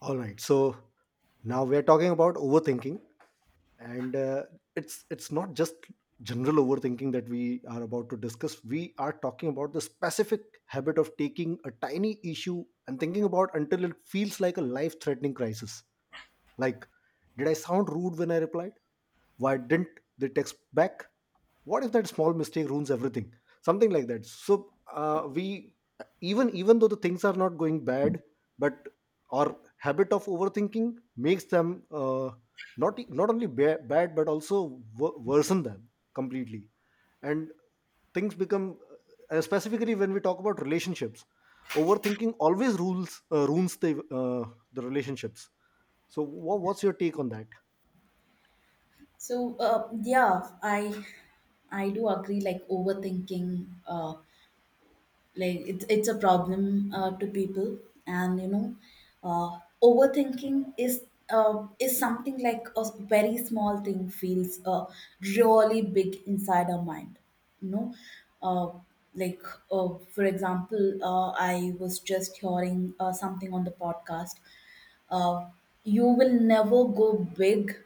All right. So now we are talking about overthinking, and it's not just general overthinking that we are about to discuss. We are talking about the specific habit of taking a tiny issue and thinking about until it feels like a life-threatening crisis. Like, did I sound rude when I replied? Why didn't they text back? What if that small mistake ruins everything, something like that. So we, even though the things are not going bad, but our habit of overthinking makes them not only bad but also worsen them completely. And things become, specifically when we talk about relationships, overthinking always rules ruins uh, the relationships. So what's your take on that? So I do agree. Like overthinking, like it's a problem to people and overthinking is something like a very small thing feels really big inside our mind you know uh, like for example, I was just hearing something on the podcast uh, you will never go big,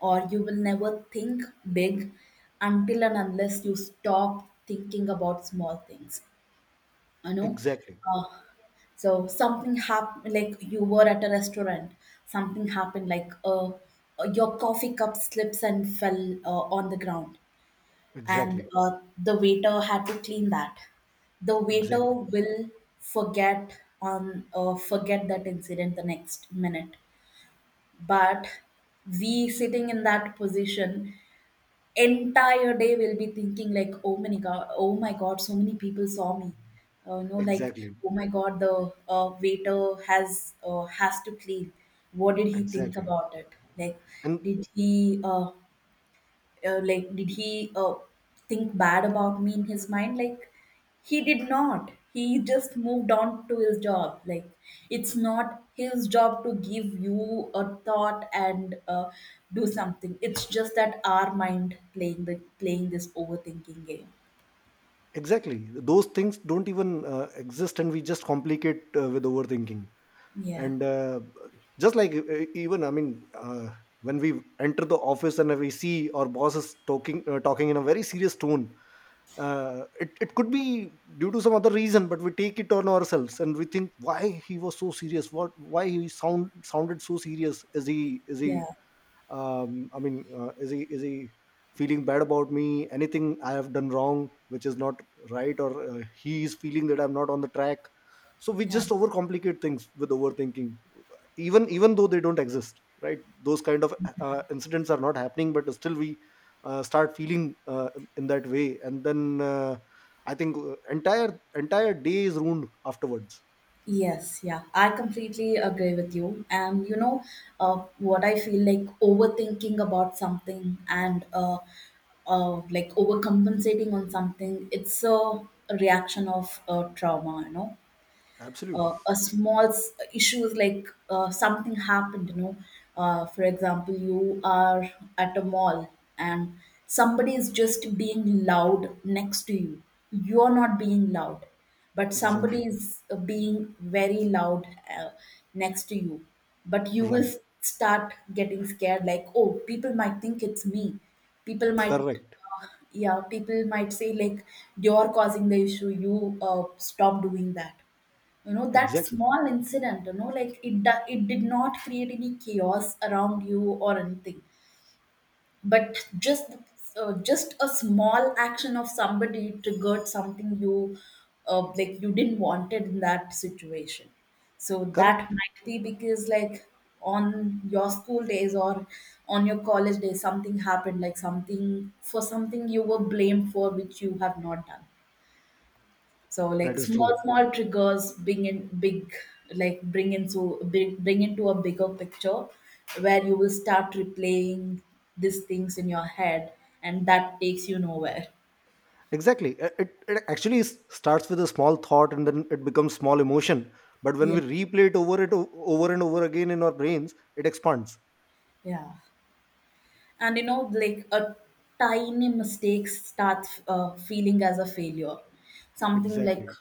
or you will never think big, until and unless you stop thinking about small things you know Exactly. uh, so something happened, like you were at a restaurant. Something happened, like your coffee cup slips and fell on the ground, and Exactly. The waiter had to clean that. The waiter Exactly. will forget that incident the next minute. But we, sitting in that position, entire day will be thinking like, oh my god, oh my god, so many people saw me uh, you know like Exactly. oh my god, the waiter has to clean. What did he think Exactly. about it? Like And did he, like did he think bad about me in his mind? Like he did not, he just moved on to his job. Like it's not his job to give you a thought and do something. It's just that our mind playing the playing this overthinking game. exactly. Those things don't even exist, and we just complicate with overthinking. Yeah And just like even, I mean, when we enter the office and we see our bosses talking talking in a very serious tone, it could be due to some other reason, but we take it on ourselves and we think why he was so serious. What, why he sounded so serious? Is he yeah I mean, is he feeling bad about me, anything I have done wrong which is not right, or he is feeling that I'm not on the track? So we yeah. just overcomplicate things with overthinking, even though they don't exist, right? Those kind of incidents are not happening, but still we start feeling in that way, and then I think entire day is ruined afterwards. Yes, yeah, I completely agree with you. And you know, what I feel, like overthinking about something and like overcompensating on something, it's a reaction of trauma, you know, Absolutely. A small s- issues. Like something happened, you know, for example, you are at a mall, and somebody is just being loud next to you. You're not being loud, but somebody Exactly. is being very loud uh, next to you. But you will Right. s- start getting scared, like, oh, people might think it's me, people might Correct. uh, yeah people might say like, you're causing the issue, you stop doing that. You know, that Exactly. small incident, you know, like it do- it did not create any chaos around you or anything. But just a small action of somebody triggered something you like you didn't want it in that situation. So that Correct. might be because, like, on your school days, or on your college days, something happened, like something, for something you were blamed for which you have not done. So That like is small true. small triggers bring in big, like bring into bring, bring into a bigger picture where you will start replaying these things in your head, and that takes you nowhere. Exactly. It actually starts with a small thought, and then it becomes small emotion, but when Yeah. we replay it over and over again in our brains, it expands. Yeah. And you know, like a tiny mistake starts feeling as a failure. Something like Exactly.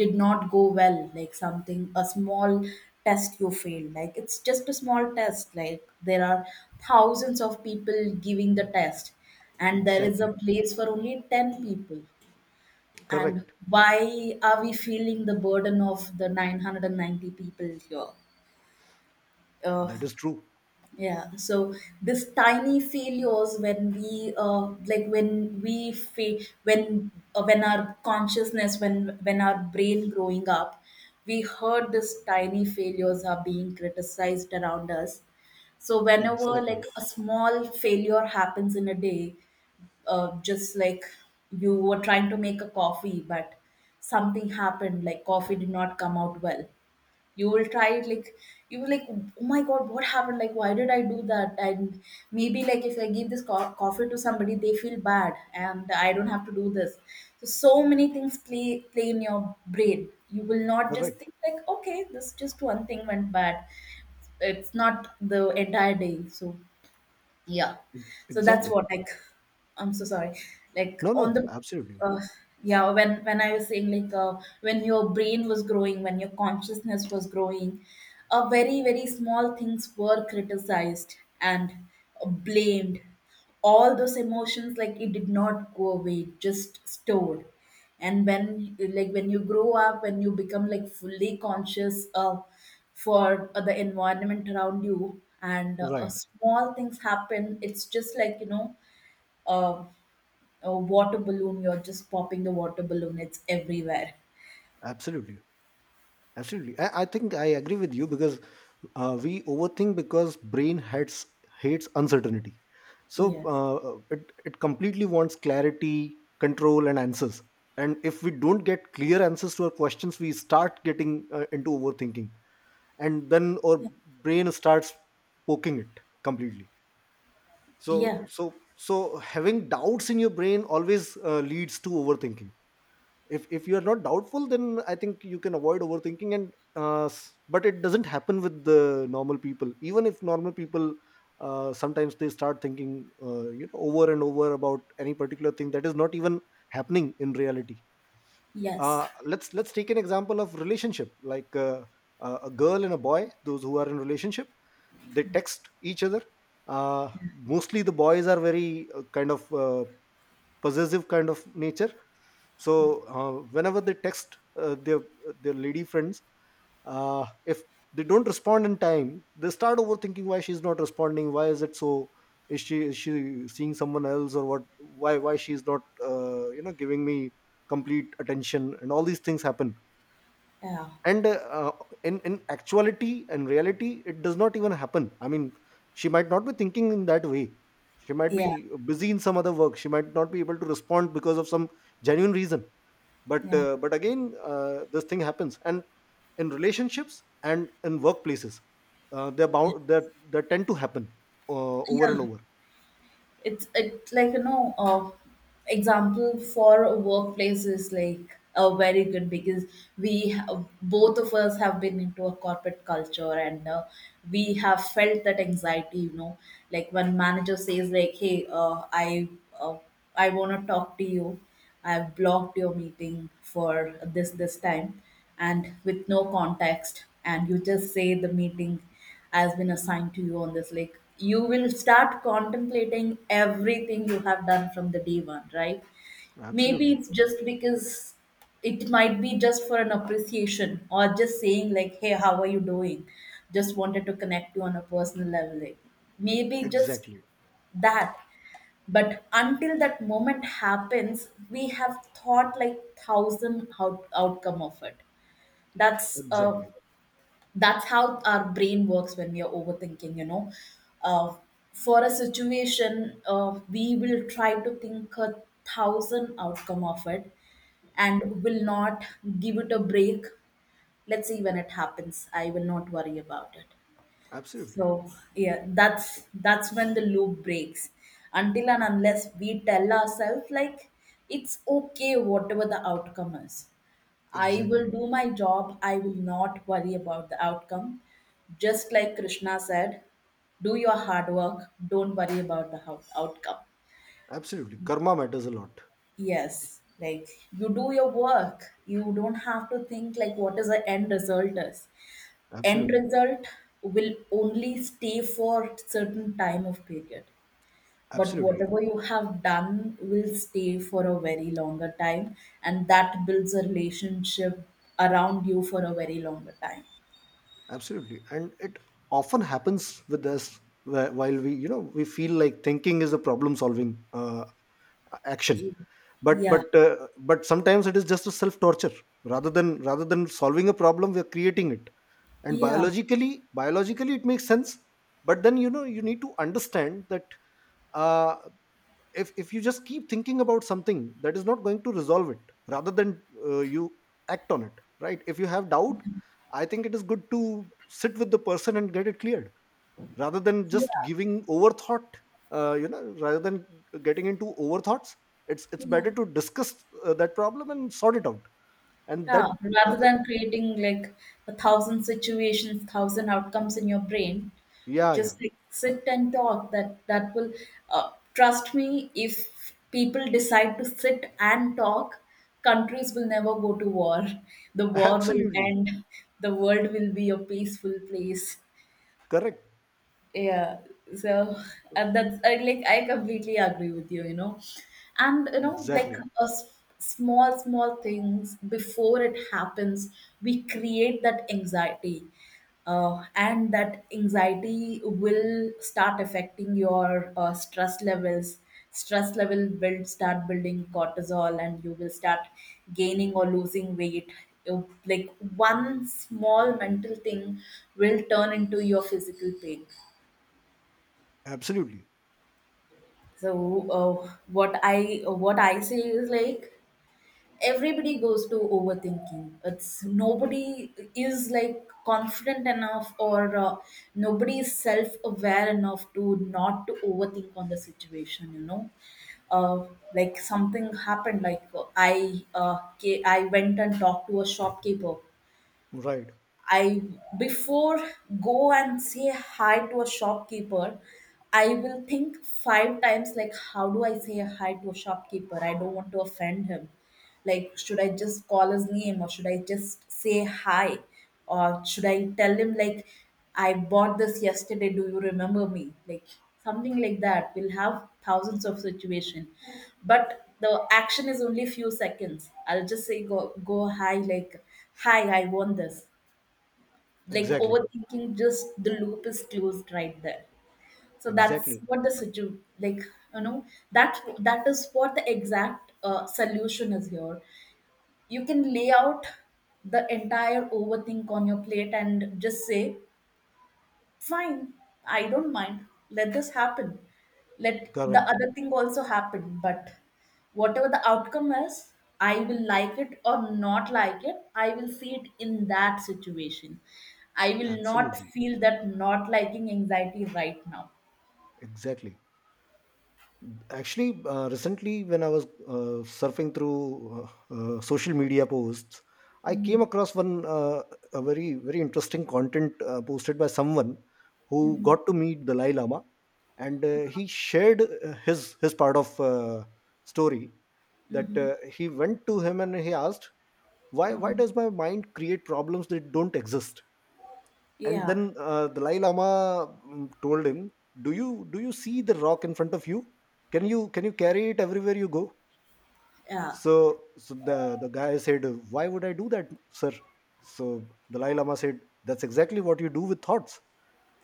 did not go well, like something, a small test you failed. Like it's just a small test, like there are thousands of people giving the test, and there is Exactly. a place for only 10 people. And Correct. why are we feeling the burden of the 990 people here uh, That is true. yeah, so this tiny failures, when we when we fa- when when our consciousness, when our brain growing up, we heard this tiny failures are being criticized around us. So whenever Exactly. like a small failure happens in a day, just like, you were trying to make a coffee, but something happened, like coffee did not come out well. You will try it like, you will, like, oh my god, what happened, like why did I do that? And maybe like, if I give this co- coffee to somebody, they feel bad and I don't have to do this. So so many things play play in your brain, you will not just Correct. think like, okay, this just one thing went bad, it's not the entire day. So yeah. E- So that's exactly. what, like, I'm so sorry. Like No, on no, the absolutely. uh, yeah, when I was saying, like when your brain was growing, when your consciousness was growing, very very small things were criticized and blamed. All those emotions, like, it did not go away, it just stored. And when, like, when you grow up, when you become, like, fully conscious for the environment around you, and Right. small things happen, it's just like, you know, uh, a water balloon, you're just popping the water balloon, it's everywhere. Absolutely. Absolutely. I think I agree with you because we overthink because brain hates uncertainty. So Yes. It completely wants clarity, control and answers, and if we don't get clear answers to our questions, we start getting into overthinking. And then our Yeah. brain starts poking it completely. So Yeah. so having doubts in your brain always leads to overthinking. If you are not doubtful, then I think you can avoid overthinking. But it doesn't happen with the normal people. Even if normal people sometimes they start thinking, you know, over and over about any particular thing that is not even happening in reality. yes Let's take an example of relationship, like a girl and a boy, those who are in relationship. They text each other. uh, Mostly the boys are very kind of possessive kind of nature. So whenever they text their lady friends, if they don't respond in time, they start overthinking why she's not responding, why is it so, is she, is she seeing someone else or what, why she's not you know, giving me complete attention, and all these things happen. yeah And In actuality and reality, it does not even happen. I mean, she might not be thinking in that way. She might yeah be busy in some other work. She might not be able to respond because of some genuine reason. but yeah uh, but again, this thing happens. And in relationships and in workplaces, they're bound that they tend to happen over yeah and over. it's it, like, you know, example for a workplace is like a very good, because we ha- both of us have been into a corporate culture, and we have felt that anxiety, you know, like when manager says, like, hey, uh, I want to talk to you, I've blocked your meeting for this this time. And with no context, and you just say the meeting has been assigned to you on this, like, you will start contemplating everything you have done from the day one, right? Maybe Absolutely. it's just because it might be just for an appreciation, or just saying like, hey, how are you doing, just wanted to connect you on a personal level. Like maybe just Exactly. that, but until that moment happens, we have thought like thousand out- outcome of it. that's uh, Exactly. that's how our brain works when we are overthinking, you know uh, for a situation, we will try to think a thousand outcome of it, and will not give it a break. Let's see when it happens, I will not worry about it. Absolutely. So yeah, that's when the loop breaks. Until and unless we tell ourselves like, it's okay whatever the outcome is. I Exactly. will do my job, I will not worry about the outcome. Just like Krishna said, do your hard work, don't worry about the hou- outcome. Absolutely, karma matters a lot. Yes, like, you do your work. You don't have to think like what is the end result is. End Absolutely. result will only stay for certain time of period, but Absolutely. whatever you have done will stay for a very longer time, and that builds a relationship around you for a very longer time. Absolutely. And it often happens with us while we, you know, we feel like thinking is a problem solving action. But Yeah but uh, but sometimes it is just a self torture. Rather than solving a problem, we are creating it. And yeah biologically, it makes sense. But then, you know, you need to understand that uh, if you just keep thinking about something, that is not going to resolve it. Rather than you act on it, right? If you have doubt, I think it is good to sit with the person and get it cleared rather than just yeah giving overthought. You know, rather than getting into overthoughts, it's yeah. better to discuss that problem and sort it out. And Yeah, that, uh, rather uh, than creating like a thousand situations, thousand outcomes in your brain, yeah, yeah. just like sit and talk. That that will trust me. If people decide to sit and talk, countries will never go to war. The war will Absolutely. end. The world will be a peaceful place. Correct. Yeah, so and that's I, like, I completely agree with you, you know, and you know, like Exactly. a s- small, small things, before it happens, we create that anxiety, and that anxiety will start affecting your stress levels. Stress level will start building cortisol, and you will start gaining or losing weight. You- Like one small mental thing will turn into your physical pain. Absolutely. So what I, what I say is, like, everybody goes to overthinking. It's nobody is like confident enough, or nobody is self aware enough to not to overthink on the situation. You know, uh, like something happened. Like I ca- I went and talked to a shopkeeper. Right. I, before go and say hi to a shopkeeper, I will think five times, like, how do I say hi to a shopkeeper? I don't want to offend him. Like should I just call his name, or should I just say hi? Or should I tell him like, I bought this yesterday, do you remember me? Like something like that. We'll have thousands of situation. But the action is only few seconds. I'll just say go go hi, like, hi, I want this. Like Exactly. overthinking, just the loop is closed right there. So that's Exactly. what the situ, like, you know, that that is what the exact solution is here. You can lay out the entire overthink on your plate and just say, fine, I don't mind. Let this happen. Let the Correct. other thing also happen. But whatever the outcome is, I will like it or not like it. I will see it in that situation. I will not Absolutely. feel that not liking anxiety right now. Exactly. Actually, recently when I was surfing through social media posts, I came Mhm. across one a very very interesting content posted by someone who Mhm. got to meet Dalai Lama, and he shared his part of story. That Mhm. He went to him and he asked, why Mhm. does my mind create problems that don't exist? And Yeah, then Dalai Lama, told him, do you see the rock in front of you? Can you can you carry it everywhere you go?" yeah, So so the guy said, "Why would I do that, sir?" So Dalai Lama said, "That's exactly what you do with thoughts.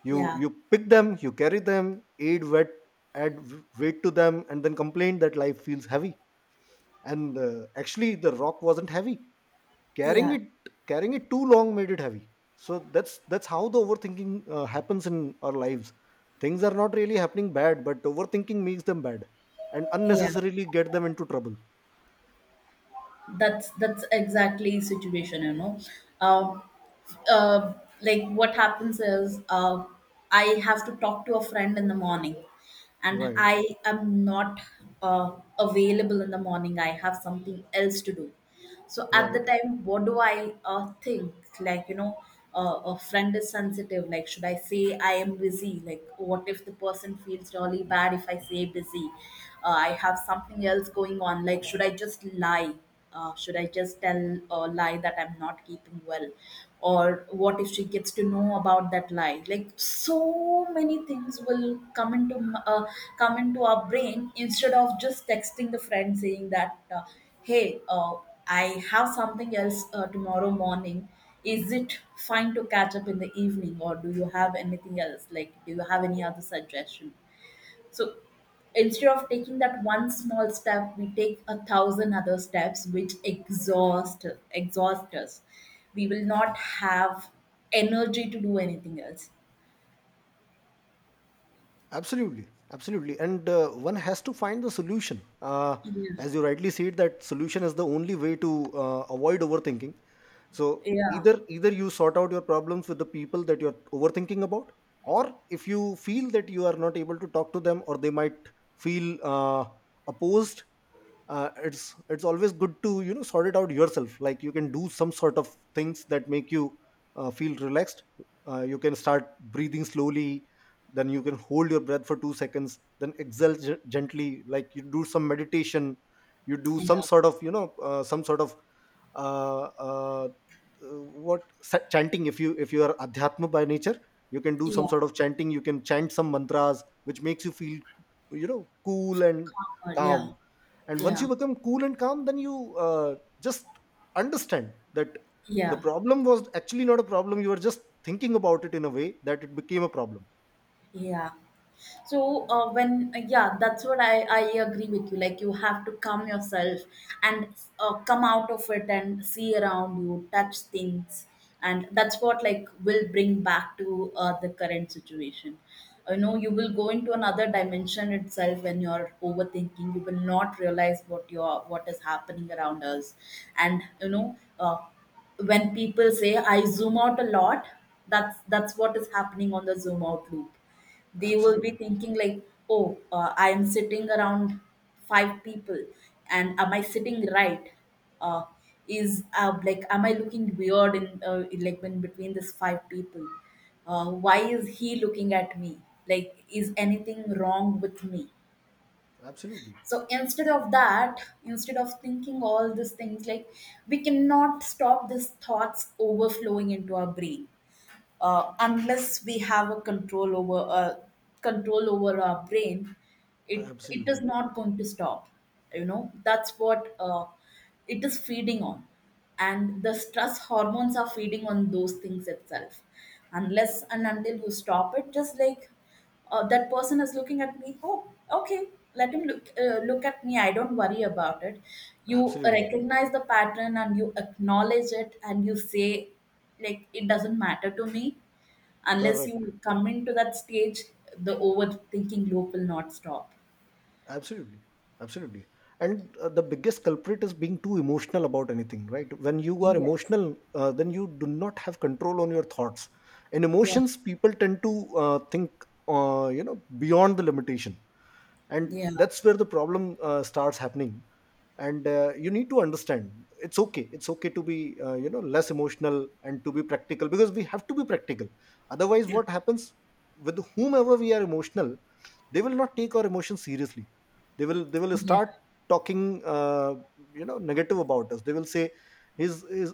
You yeah, you pick them, you carry them, aid wet add weight to them, and then complain that life feels heavy." And actually, the rock wasn't heavy. Carrying yeah, it, carrying it too long made it heavy. So that's how the overthinking happens in our lives. Things are not really happening bad, but overthinking makes them bad and yeah. unnecessarily get them into trouble. That's exactly situation, you know. uh, uh, like what happens is, I have to talk to a friend in the morning, and Right, I am not uh, available in the morning, I have something else to do. So at the right. time, what do I think? Like, you know, a friend is sensitive, like, should I say I am busy? Like, what if the person feels really bad if I say busy? I have something else going on, like should I just lie, should I just tell a lie that I'm not keeping well? Or what if she gets to know about that lie? Like so many things will come into m- come into our brain, instead of just texting the friend saying that, hey, I have something else tomorrow morning. Is it fine to catch up in the evening, or do you have anything else? Like, do you have any other suggestion? So, instead of taking that one small step, we take a thousand other steps, which exhaust us. We will not have energy to do anything else. Absolutely, absolutely, and one has to find the solution. Yeah, As you rightly said, that solution is the only way to avoid overthinking. So yeah, either you sort out your problems with the people that you're overthinking about, or if you feel that you are not able to talk to them, or they might feel opposed, it's always good to, you know, sort it out yourself. Like you can do some sort of things that make you feel relaxed. You can start breathing slowly, then you can hold your breath for 2 seconds, then exhale gently, like you do some meditation. You do some yeah, sort of, you know, some sort of uh, uh, chanting. If you if you are adhyatma by nature, you can do some yeah, sort of chanting. You can chant some mantras which makes you feel, you know, cool and yeah, calm. And once yeah, you become cool and calm, then you just understand that the yeah, problem was actually not a problem. You were just thinking about it in a way that it became a problem. yeah. so when yeah, that's what I agree with you. Like, you have to calm yourself, and come out of it and see around you, touch things, and that's what, like, will bring back to the current situation. You know, you will go into another dimension itself. When you're overthinking, you will not realize what is happening around us. And you know, when people say I zoom out a lot, that's what is happening on the zoom out loop. They will be Absolutely. thinking like, oh, I am sitting around five people, and am I sitting right? uh, is like Am I looking weird in between these five people? Why is he looking at me? Like, is anything wrong with me? Absolutely. So instead of thinking all these things, like, we cannot stop these thoughts overflowing into our brain. Unless we have a control over our brain, it is Absolutely. not going to stop. You know, that's what, it is feeding on, and the stress hormones are feeding on those things itself, unless and until you stop it. Just like, that person is looking at me, oh okay, let him look at me, I don't worry about it. You Absolutely. recognize the pattern and you acknowledge it and you say, like, it doesn't matter to me. Unless Correct. you come into that stage, the overthinking loop will not stop. Absolutely, absolutely. And the biggest culprit is being too emotional about anything, right? When you are Yes. emotional, then you do not have control on your thoughts. And Yeah. emotions, people tend to think, you know, beyond the limitation, and Yeah. that's where the problem starts happening. And you need to understand it's okay to be, you know, less emotional and to be practical, because we have to be practical. Otherwise, Yeah. what happens, with whomever we are emotional, they will not take our emotions seriously. They will Yeah. start talking you know, negative about us. They will say, his is,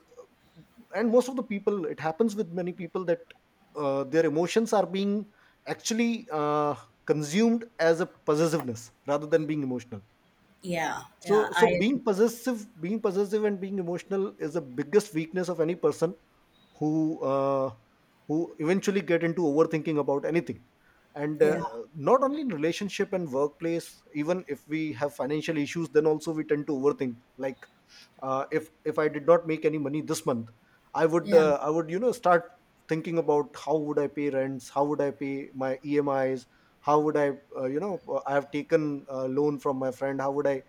and most of the people, it happens with many people, that their emotions are being actually consumed as a possessiveness rather than being emotional. Yeah. Yeah. So so I agree. being possessive and being emotional is the biggest weakness of any person who uh, who eventually get into overthinking about anything. And Yeah. Not only in relationship and workplace, even if we have financial issues, then also we tend to overthink. Like if I did not make any money this month, i would Yeah. uh, i would you know, start thinking about how would I pay rents, how would I pay my EMIs, how would I, you know, I have taken a loan from my friend, how would I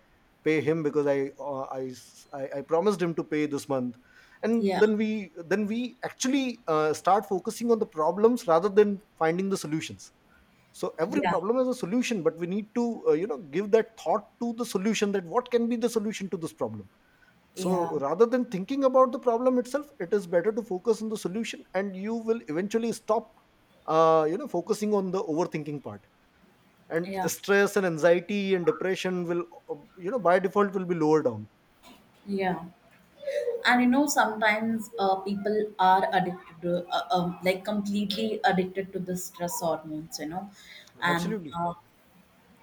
pay him, because I promised him to pay this month. And Yeah. then we actually start focusing on the problems rather than finding the solutions. So every Yeah. problem has a solution, but we need to you know, give that thought to the solution, that what can be the solution to this problem. So Yeah. rather than thinking about the problem itself, it is better to focus on the solution, and you will eventually stop, you know, focusing on the overthinking part. And Yeah. stress and anxiety and depression will, you know, by default will be lower down. Yeah. And you know, sometimes people are addicted to, like completely addicted to the stress hormones, you know, and Absolutely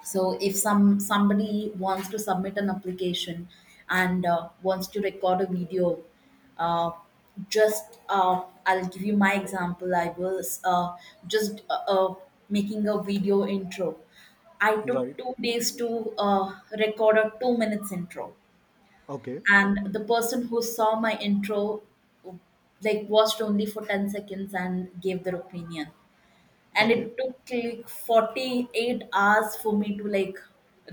so if somebody wants to submit an application and wants to record a video, uh, just I'll give you my example. I was just making a video intro. I right. took 2 days to record a 2 minutes intro, Okay. and the person who saw my intro, like, watched only for 10 seconds and gave their opinion. And it Okay. took like 48 hours for me to, like,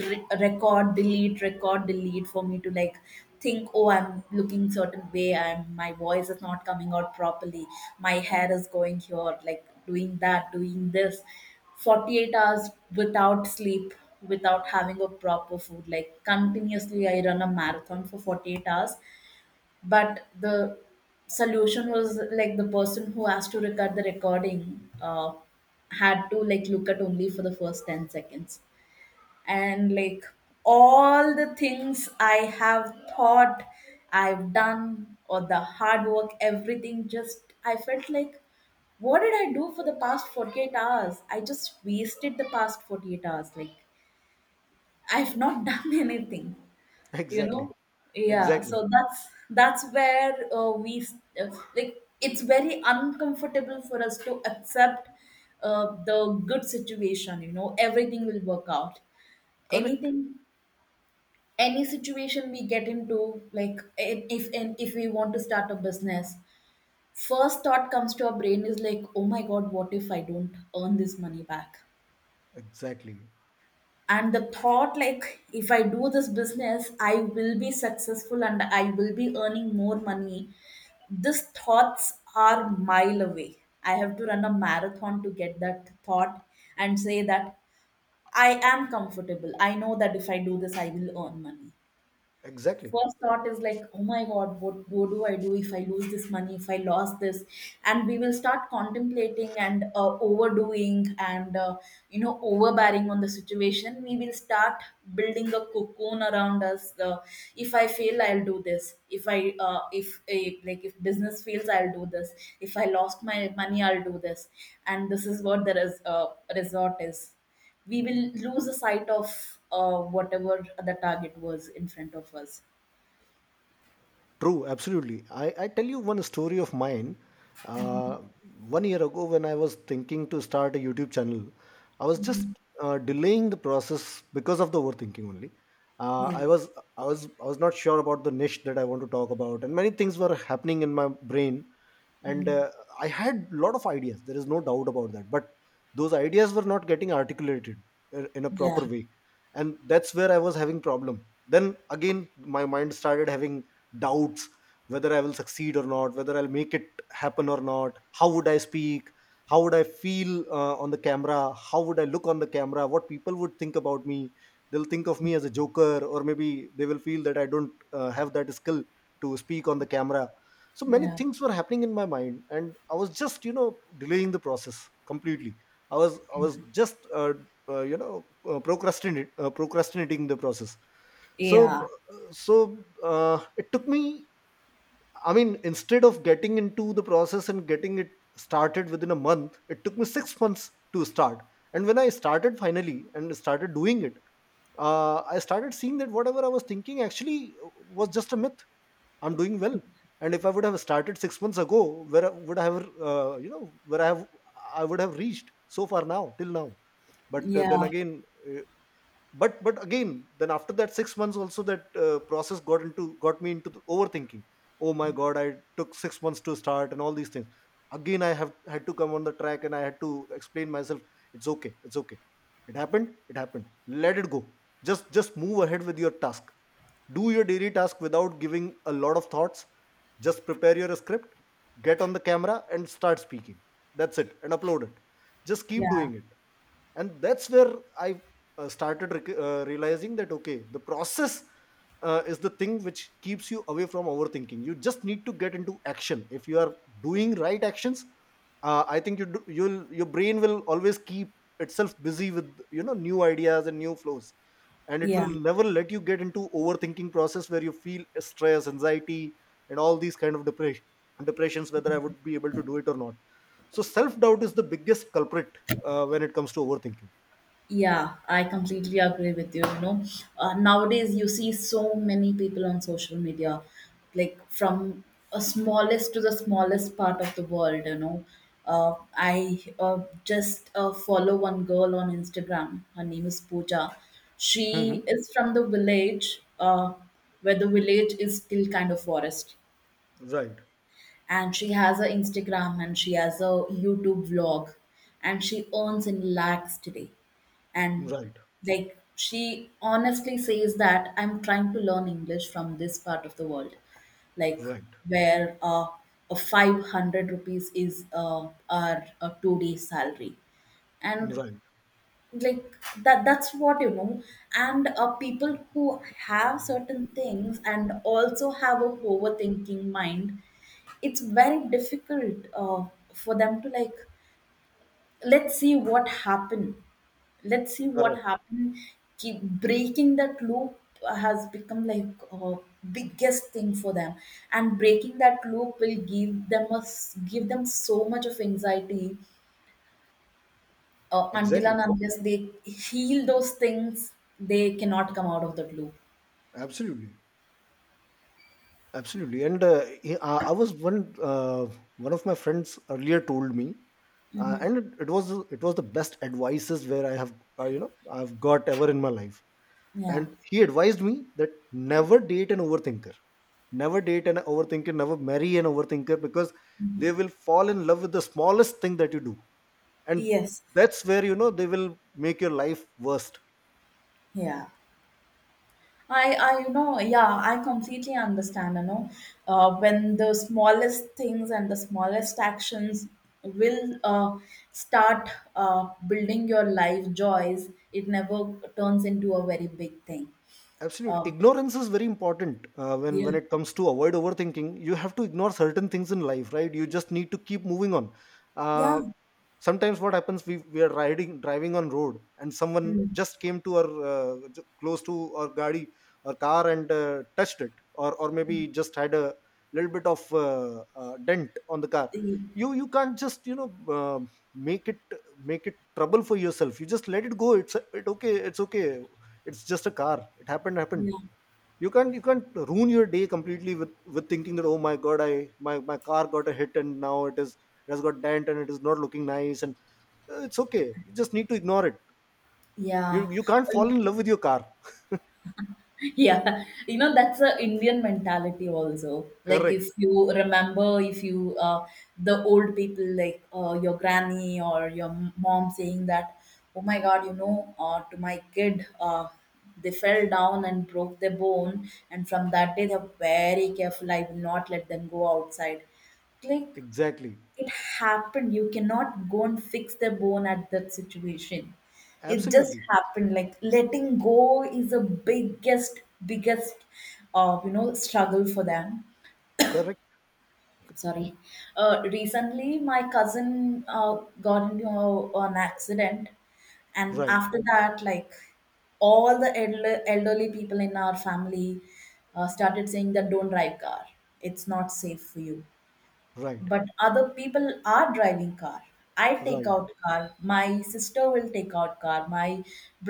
record, delete, record, delete, for me to like think, oh, I'm looking certain way, I'm my voice is not coming out properly, my hair is going here, like, doing that, doing this. 48 hours without sleep, without having a proper food, like continuously I run a marathon for 48 hours. But the solution was like, the person who has to record the recording had to, like, look at only for the first 10 seconds. And like, all the things I have thought, I've done, or the hard work, everything, just I felt like, what did I do for the past 48 hours? I just wasted the past 48 hours. Like, I've not done anything, you Exactly. know. Yeah, Exactly. so that's where, we s- uh, like it's very uncomfortable for us to accept the good situation. You know, everything will work out. Correct. Anything, any situation we get into, like, if we want to start a business, first thought comes to our brain is like, oh my god, what if I don't earn this money back? Exactly. And the thought like, if I do this business I will be successful and I will be earning more money, these thoughts are mile away. I have to run a marathon to get that thought and say that I am comfortable, I know that if I do this I will earn money. Exactly. First thought is like, oh my god, what do I do if I lose this money, if I lost this? And we will start contemplating and overdoing and overbearing on the situation. We will start building a cocoon around us. If I fail, I'll do this, if business fails, I'll do this. If I lost my money, I'll do this. And this is what the resort is. We will lose the sight of whatever the target was in front of us. True, absolutely. I tell you one story of mine. Uh, 1 year ago, when I was thinking to start a YouTube channel, I was just Mhm. Delaying the process because of the overthinking only. Uh, Yeah. I was I was not sure about the niche that I want to talk about, and many things were happening in my brain and Mhm. uh, I had a lot of ideas, there is no doubt about that, but those ideas were not getting articulated in a Yeah. proper way. And that's where I was having problem. Then again my mind started having doubts whether I will succeed or not, whether I'll make it happen or not, how would I speak, how would I feel on the camera, how would I look on the camera, what people would think about me. They'll think of me as a joker, or maybe they will feel that I don't have that skill to speak on the camera. So many Yeah. things were happening in my mind and I was just delaying the process completely. I was I was just you know procrastinate procrastinating the process. so Yeah. uh, so it took me, I mean, instead of getting into the process and getting it started within a month, it took me 6 months to start. And when I started finally and started doing it, I started seeing that whatever I was thinking actually was just a myth. I'm doing well. And if I would have started 6 months ago, where I would have, I would have reached so far now, till now. But then Yeah. again, uh, but again, then after that 6 months, also that process got me into the overthinking. Oh my God, I took 6 months to start and all these things. Again, I have had to come on the track and I had to explain myself. It's okay. It's okay. It happened. It happened. Let it go. Just move ahead with your task, do your daily task without giving a lot of thoughts. Just prepare your script, get on the camera and start speaking, that's it, and upload it. Just keep Yeah. doing it. And that's where I realizing that okay, the process is the thing which keeps you away from overthinking. You just need to get into action. If you are doing right actions, I think you'll your brain will always keep itself busy with, you know, new ideas and new flows, and it will Yeah. never let you get into overthinking process where you feel stress, anxiety and all these kind of depressions, whether I would be able to do it or not. So self doubt is the biggest culprit when it comes to overthinking. Yeah, I completely agree with you. You know, nowadays you see so many people on social media, like from a smallest to the smallest part of the world, you know. I just follow one girl on Instagram. Her name is Pooja. Hmm. She is from the village, where the village is still kind of forest, Right. and she has a Instagram and she has a YouTube vlog, and she earns in lakhs today. And Right. like, she honestly says that I'm trying to learn English from this part of the world, like, Right. where a 500 rupees is our 2 day salary. And Right. like, that's what, you know. And people who have certain things and also have a overthinking mind, it's very difficult for them to, like, let's see what happened, let's see what Correct. happened. Keep breaking that loop has become like, biggest thing for them. And breaking that loop will give them give them so much of anxiety until Exactly. and unless they heal those things, they cannot come out of that loop. Absolutely. Absolutely. And I was one, uh, one of my friends earlier told me, Hmm. and it was, it was the best advices where I have, uh, you know I've got ever in my life. And Yeah. he advised me that never date an overthinker, never date an overthinker, never marry an overthinker, because they will fall in love with the smallest thing that you do, and Yes. that's where, you know, they will make your life worst. Yeah. You know, yeah, I completely understand, you know, when the smallest things and the smallest actions will start building your life joys, it never turns into a very big thing. Absolutely. Um, Ignorance is very important when yeah. it comes to avoid overthinking. You have to ignore certain things in life, right? You just need to keep moving on. Yeah. uh, Sometimes what happens, we are riding driving on road and someone Mm. just came to our close to our gadi or car and touched it, or maybe just had a little bit of dent on the car. You can't just, you know, uh, make it make it trouble for yourself. You just let it go. It okay, it's okay, it's just a car, it happened, happened. Yeah. You can't ruin your day completely with thinking that oh my god, I my my car got a hit and now it is, it has got dent and it is not looking nice, and it's okay, you just need to ignore it. Yeah. You can't Uh, fall in love with your car. Yeah, that's a Indian mentality also. Like, Correct. if you remember, if you the old people, like, your granny or your mom saying that, oh my God, to my kid, they fell down and broke their bone, and from that day they're very careful, I will not let them go outside. Click, Exactly. it happened, you cannot go and fix the bone at that situation. It just Absolutely. happened. Like, letting go is the biggest struggle for them. Correct. Sorry, recently my cousin got into an accident, and Right. after that, like, all the elderly people in our family started saying that don't drive car, it's not safe for you. Right. But other people are driving car. I take Right. out car, my sister will take out car, my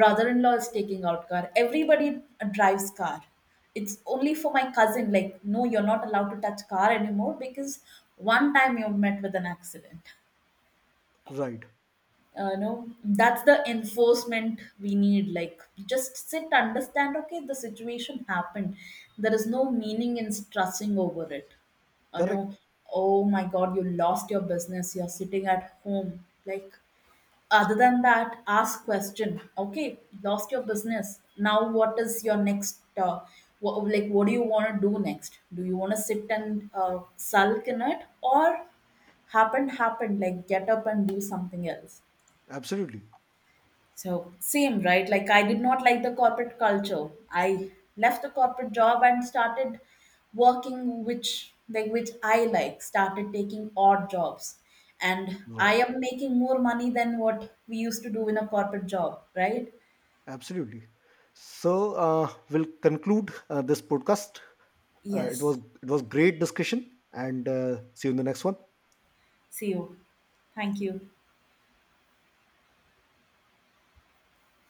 brother-in-law is taking out car, everybody drives car. It's only for my cousin, like, no, you're not allowed to touch car anymore because one time you met with an accident. Right. Know, that's the enforcement we need, like, just sit, understand, okay, the situation happened, there is no meaning in stressing over it you know Correct. oh my god, you lost your business, you're sitting at home, like, other than that, ask question, okay, lost your business, now what is your next, what do you want to do next? Do you want to sit and sulk in it, or happened, like, get up and do something else. Absolutely So same, right? Like, I did not like the corporate culture. I left the corporate job and started working, which I like, started taking odd jobs. And I right. am making more money than what we used to do in a corporate job, right? Absolutely. So we'll conclude this podcast. uh, it was Yes. it was great discussion, and see you in the next one. See you. Thank you.